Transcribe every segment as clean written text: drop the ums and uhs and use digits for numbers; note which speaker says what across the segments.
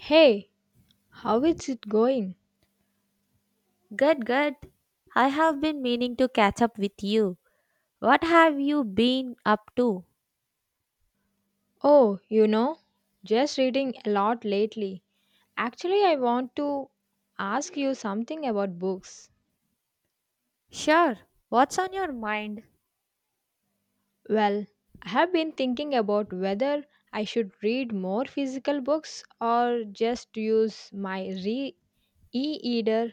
Speaker 1: Hey, how is it going?
Speaker 2: Good, good. I have been meaning to catch up with you. What have you been up to?
Speaker 1: Oh, you know, just reading a lot lately. Actually, I want to ask you something about books.
Speaker 2: Sure. What's on your mind?
Speaker 1: Well, I have been thinking about whether I should read more physical books or just use my e-reader.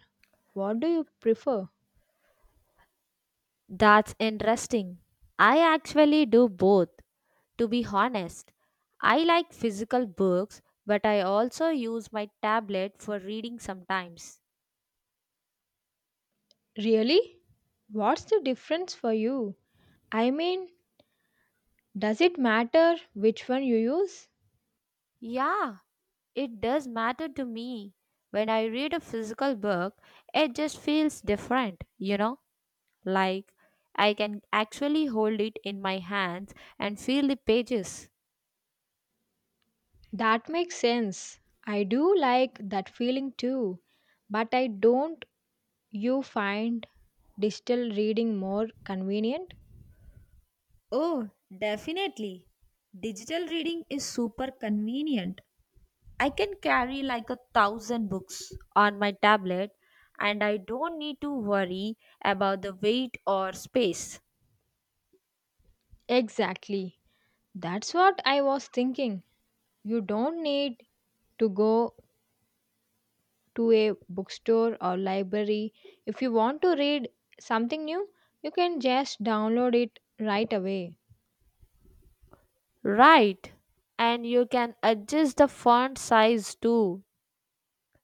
Speaker 1: What do you prefer?
Speaker 2: That's interesting. I actually do both, to be honest. I like physical books, but I also use my tablet for reading sometimes.
Speaker 1: Really? What's the difference for you? I mean, does it matter which one you use?
Speaker 2: Yeah, it does matter to me. When I read a physical book, it just feels different, you know? Like, I can actually hold it in my hands and feel the pages.
Speaker 1: That makes sense. I do like that feeling too. But I don't you find digital reading more convenient?
Speaker 2: Oh, definitely. Digital reading is super convenient. I can carry like a thousand books on my tablet and I don't need to worry about the weight or space.
Speaker 1: Exactly. That's what I was thinking. You don't need to go to a bookstore or library. If you want to read something new, you can just download it right away.
Speaker 2: Right. And you can adjust the font size too,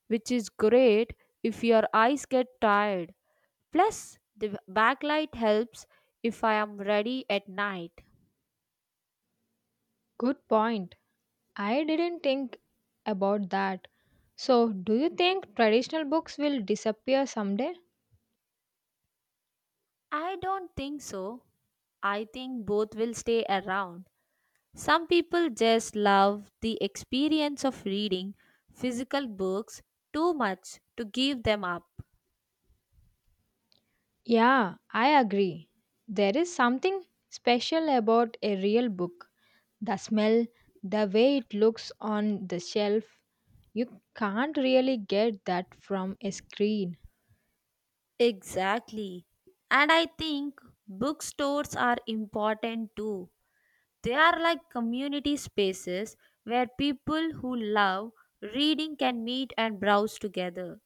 Speaker 2: which is great if your eyes get tired. Plus, the backlight helps if I am ready at night.
Speaker 1: Good point. I didn't think about that. So, do you think traditional books will disappear someday?
Speaker 2: I don't think so. I think both will stay around. Some people just love the experience of reading physical books too much to give them up.
Speaker 1: Yeah, I agree. There is something special about a real book. The smell, the way it looks on the shelf, you can't really get that from a screen.
Speaker 2: Exactly. And I think bookstores are important too. They are like community spaces where people who love reading can meet and browse together.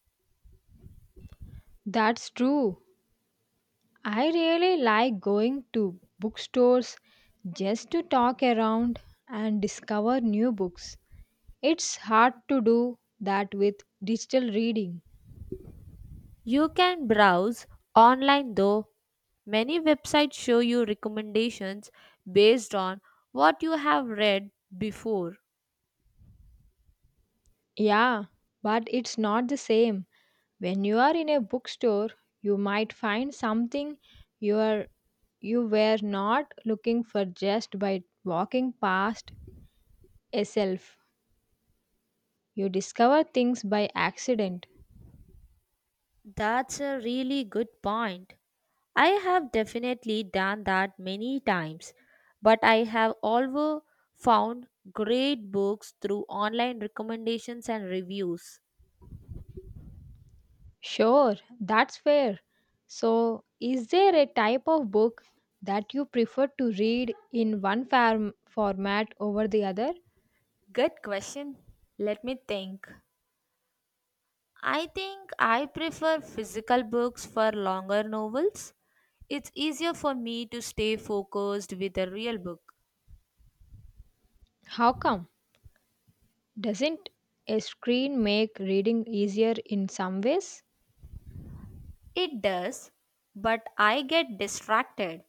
Speaker 1: That's true. I really like going to bookstores just to talk around and discover new books. It's hard to do that with digital reading.
Speaker 2: You can browse online though. Many websites show you recommendations based on what you have read before.
Speaker 1: Yeah, but it's not the same. When you are in a bookstore, you might find something you are you were not looking for just by walking past a shelf. You discover things by accident.
Speaker 2: That's a really good point. I have definitely done that many times, but I have also found great books through online recommendations and reviews.
Speaker 1: Sure, that's fair. So, is there a type of book that you prefer to read in one farm format over the other?
Speaker 2: Good question. Let me think. I think I prefer physical books for longer novels. It's easier for me to stay focused with a real book.
Speaker 1: How come? Doesn't a screen make reading easier in some ways?
Speaker 2: It does, but I get distracted.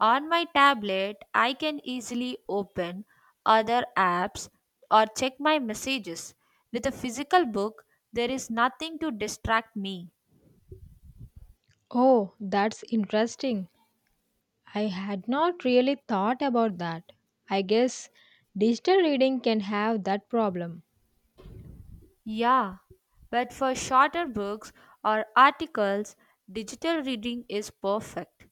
Speaker 2: On my tablet, I can easily open other apps or check my messages. With a physical book, there is nothing to distract me.
Speaker 1: Oh, that's interesting. I had not really thought about that. I guess digital reading can have that problem.
Speaker 2: Yeah, but for shorter books or articles, digital reading is perfect.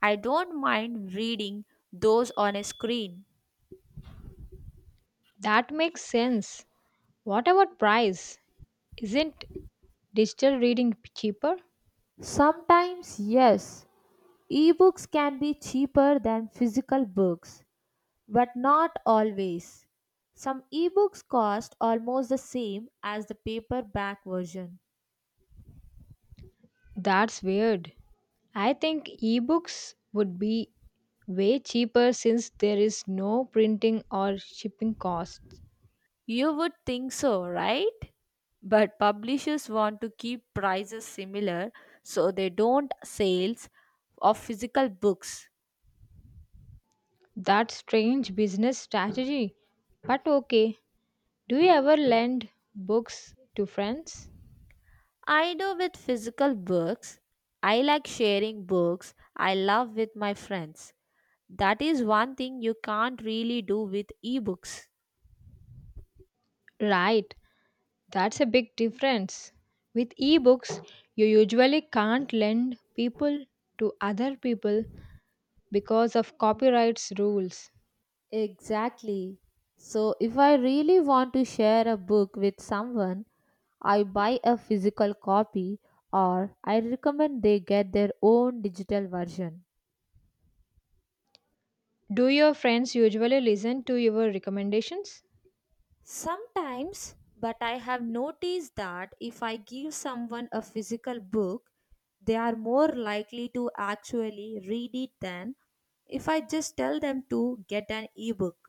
Speaker 2: I don't mind reading those on a screen.
Speaker 1: That makes sense. What about price? Isn't digital reading cheaper?
Speaker 2: Sometimes, yes, ebooks can be cheaper than physical books, but not always. Some ebooks cost almost the same as the paperback version.
Speaker 1: That's weird. I think ebooks would be way cheaper since there is no printing or shipping costs.
Speaker 2: You would think so, right? But publishers want to keep prices similar so they don't sales of physical books.
Speaker 1: That's strange business strategy. But okay. Do you ever lend books to friends?
Speaker 2: I do with physical books. I like sharing books I love with my friends. That is one thing you can't really do with ebooks.
Speaker 1: Right. That's a big difference. With ebooks, you usually can't lend people to other people because of copyrights rules.
Speaker 2: Exactly. So, if I really want to share a book with someone, I buy a physical copy or I recommend they get their own digital version.
Speaker 1: Do your friends usually listen to your recommendations?
Speaker 2: Sometimes, but I have noticed that if I give someone a physical book, they are more likely to actually read it than if I just tell them to get an ebook.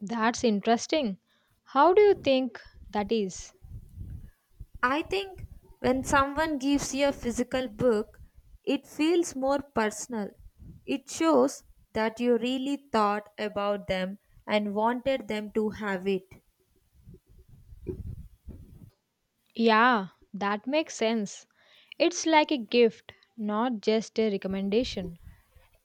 Speaker 1: That's interesting. How do you think that is?
Speaker 2: I think when someone gives you a physical book, it feels more personal. It shows that you really thought about them and wanted them to have it.
Speaker 1: Yeah, that makes sense. It's like a gift, not just a recommendation.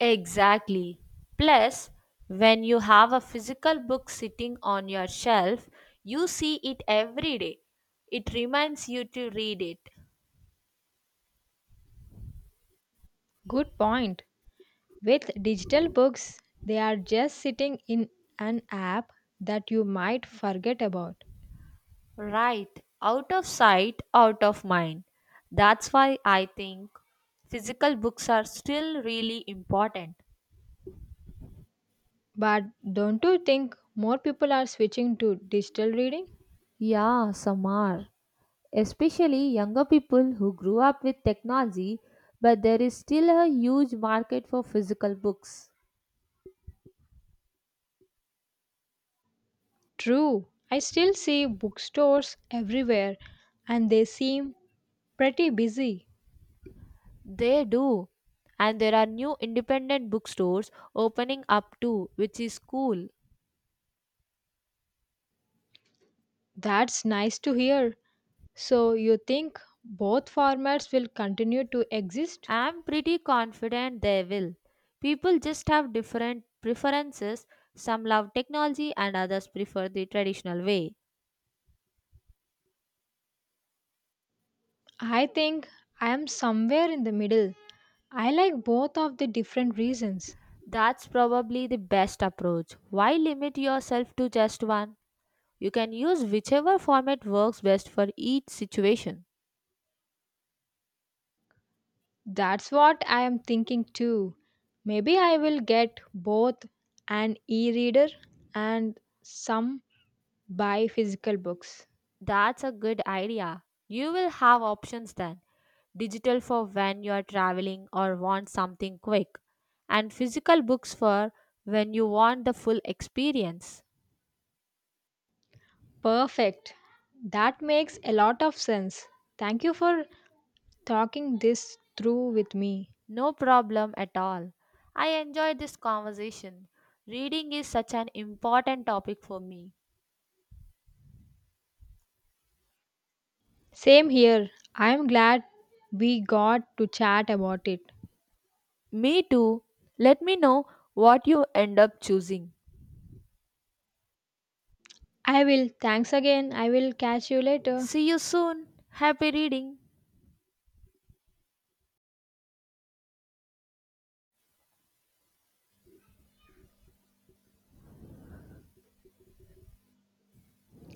Speaker 2: Exactly. Plus, when you have a physical book sitting on your shelf, you see it every day. It reminds you to read it.
Speaker 1: Good point. With digital books, they are just sitting in an app that you might forget about.
Speaker 2: Right. Out of sight, out of mind. That's why I think physical books are still really important.
Speaker 1: But don't you think more people are switching to digital reading?
Speaker 2: Yeah, some are. Especially younger people who grew up with technology, but there is still a huge market for physical books.
Speaker 1: True, I still see bookstores everywhere and they seem pretty busy.
Speaker 2: They do. And there are new independent bookstores opening up too, which is cool.
Speaker 1: That's nice to hear. So, you think both formats will continue to exist?
Speaker 2: I'm pretty confident they will. People just have different preferences. Some love technology and others prefer the traditional way.
Speaker 1: I think I am somewhere in the middle. I like both of the different reasons.
Speaker 2: That's probably the best approach. Why limit yourself to just one? You can use whichever format works best for each situation.
Speaker 1: That's what I am thinking too. Maybe I will get both an e reader and some buy physical books.
Speaker 2: That's a good idea. You will have options then. Digital for when you are traveling or want something quick, and physical books for when you want the full experience.
Speaker 1: Perfect. That makes a lot of sense. Thank you for talking this through with me.
Speaker 2: No problem at all. I enjoyed this conversation. Reading is such an important topic for me.
Speaker 1: Same here. I am glad we got to chat about it.
Speaker 2: Me too. Let me know what you end up choosing.
Speaker 1: I will. Thanks again. I will catch you later.
Speaker 2: See you soon. Happy reading.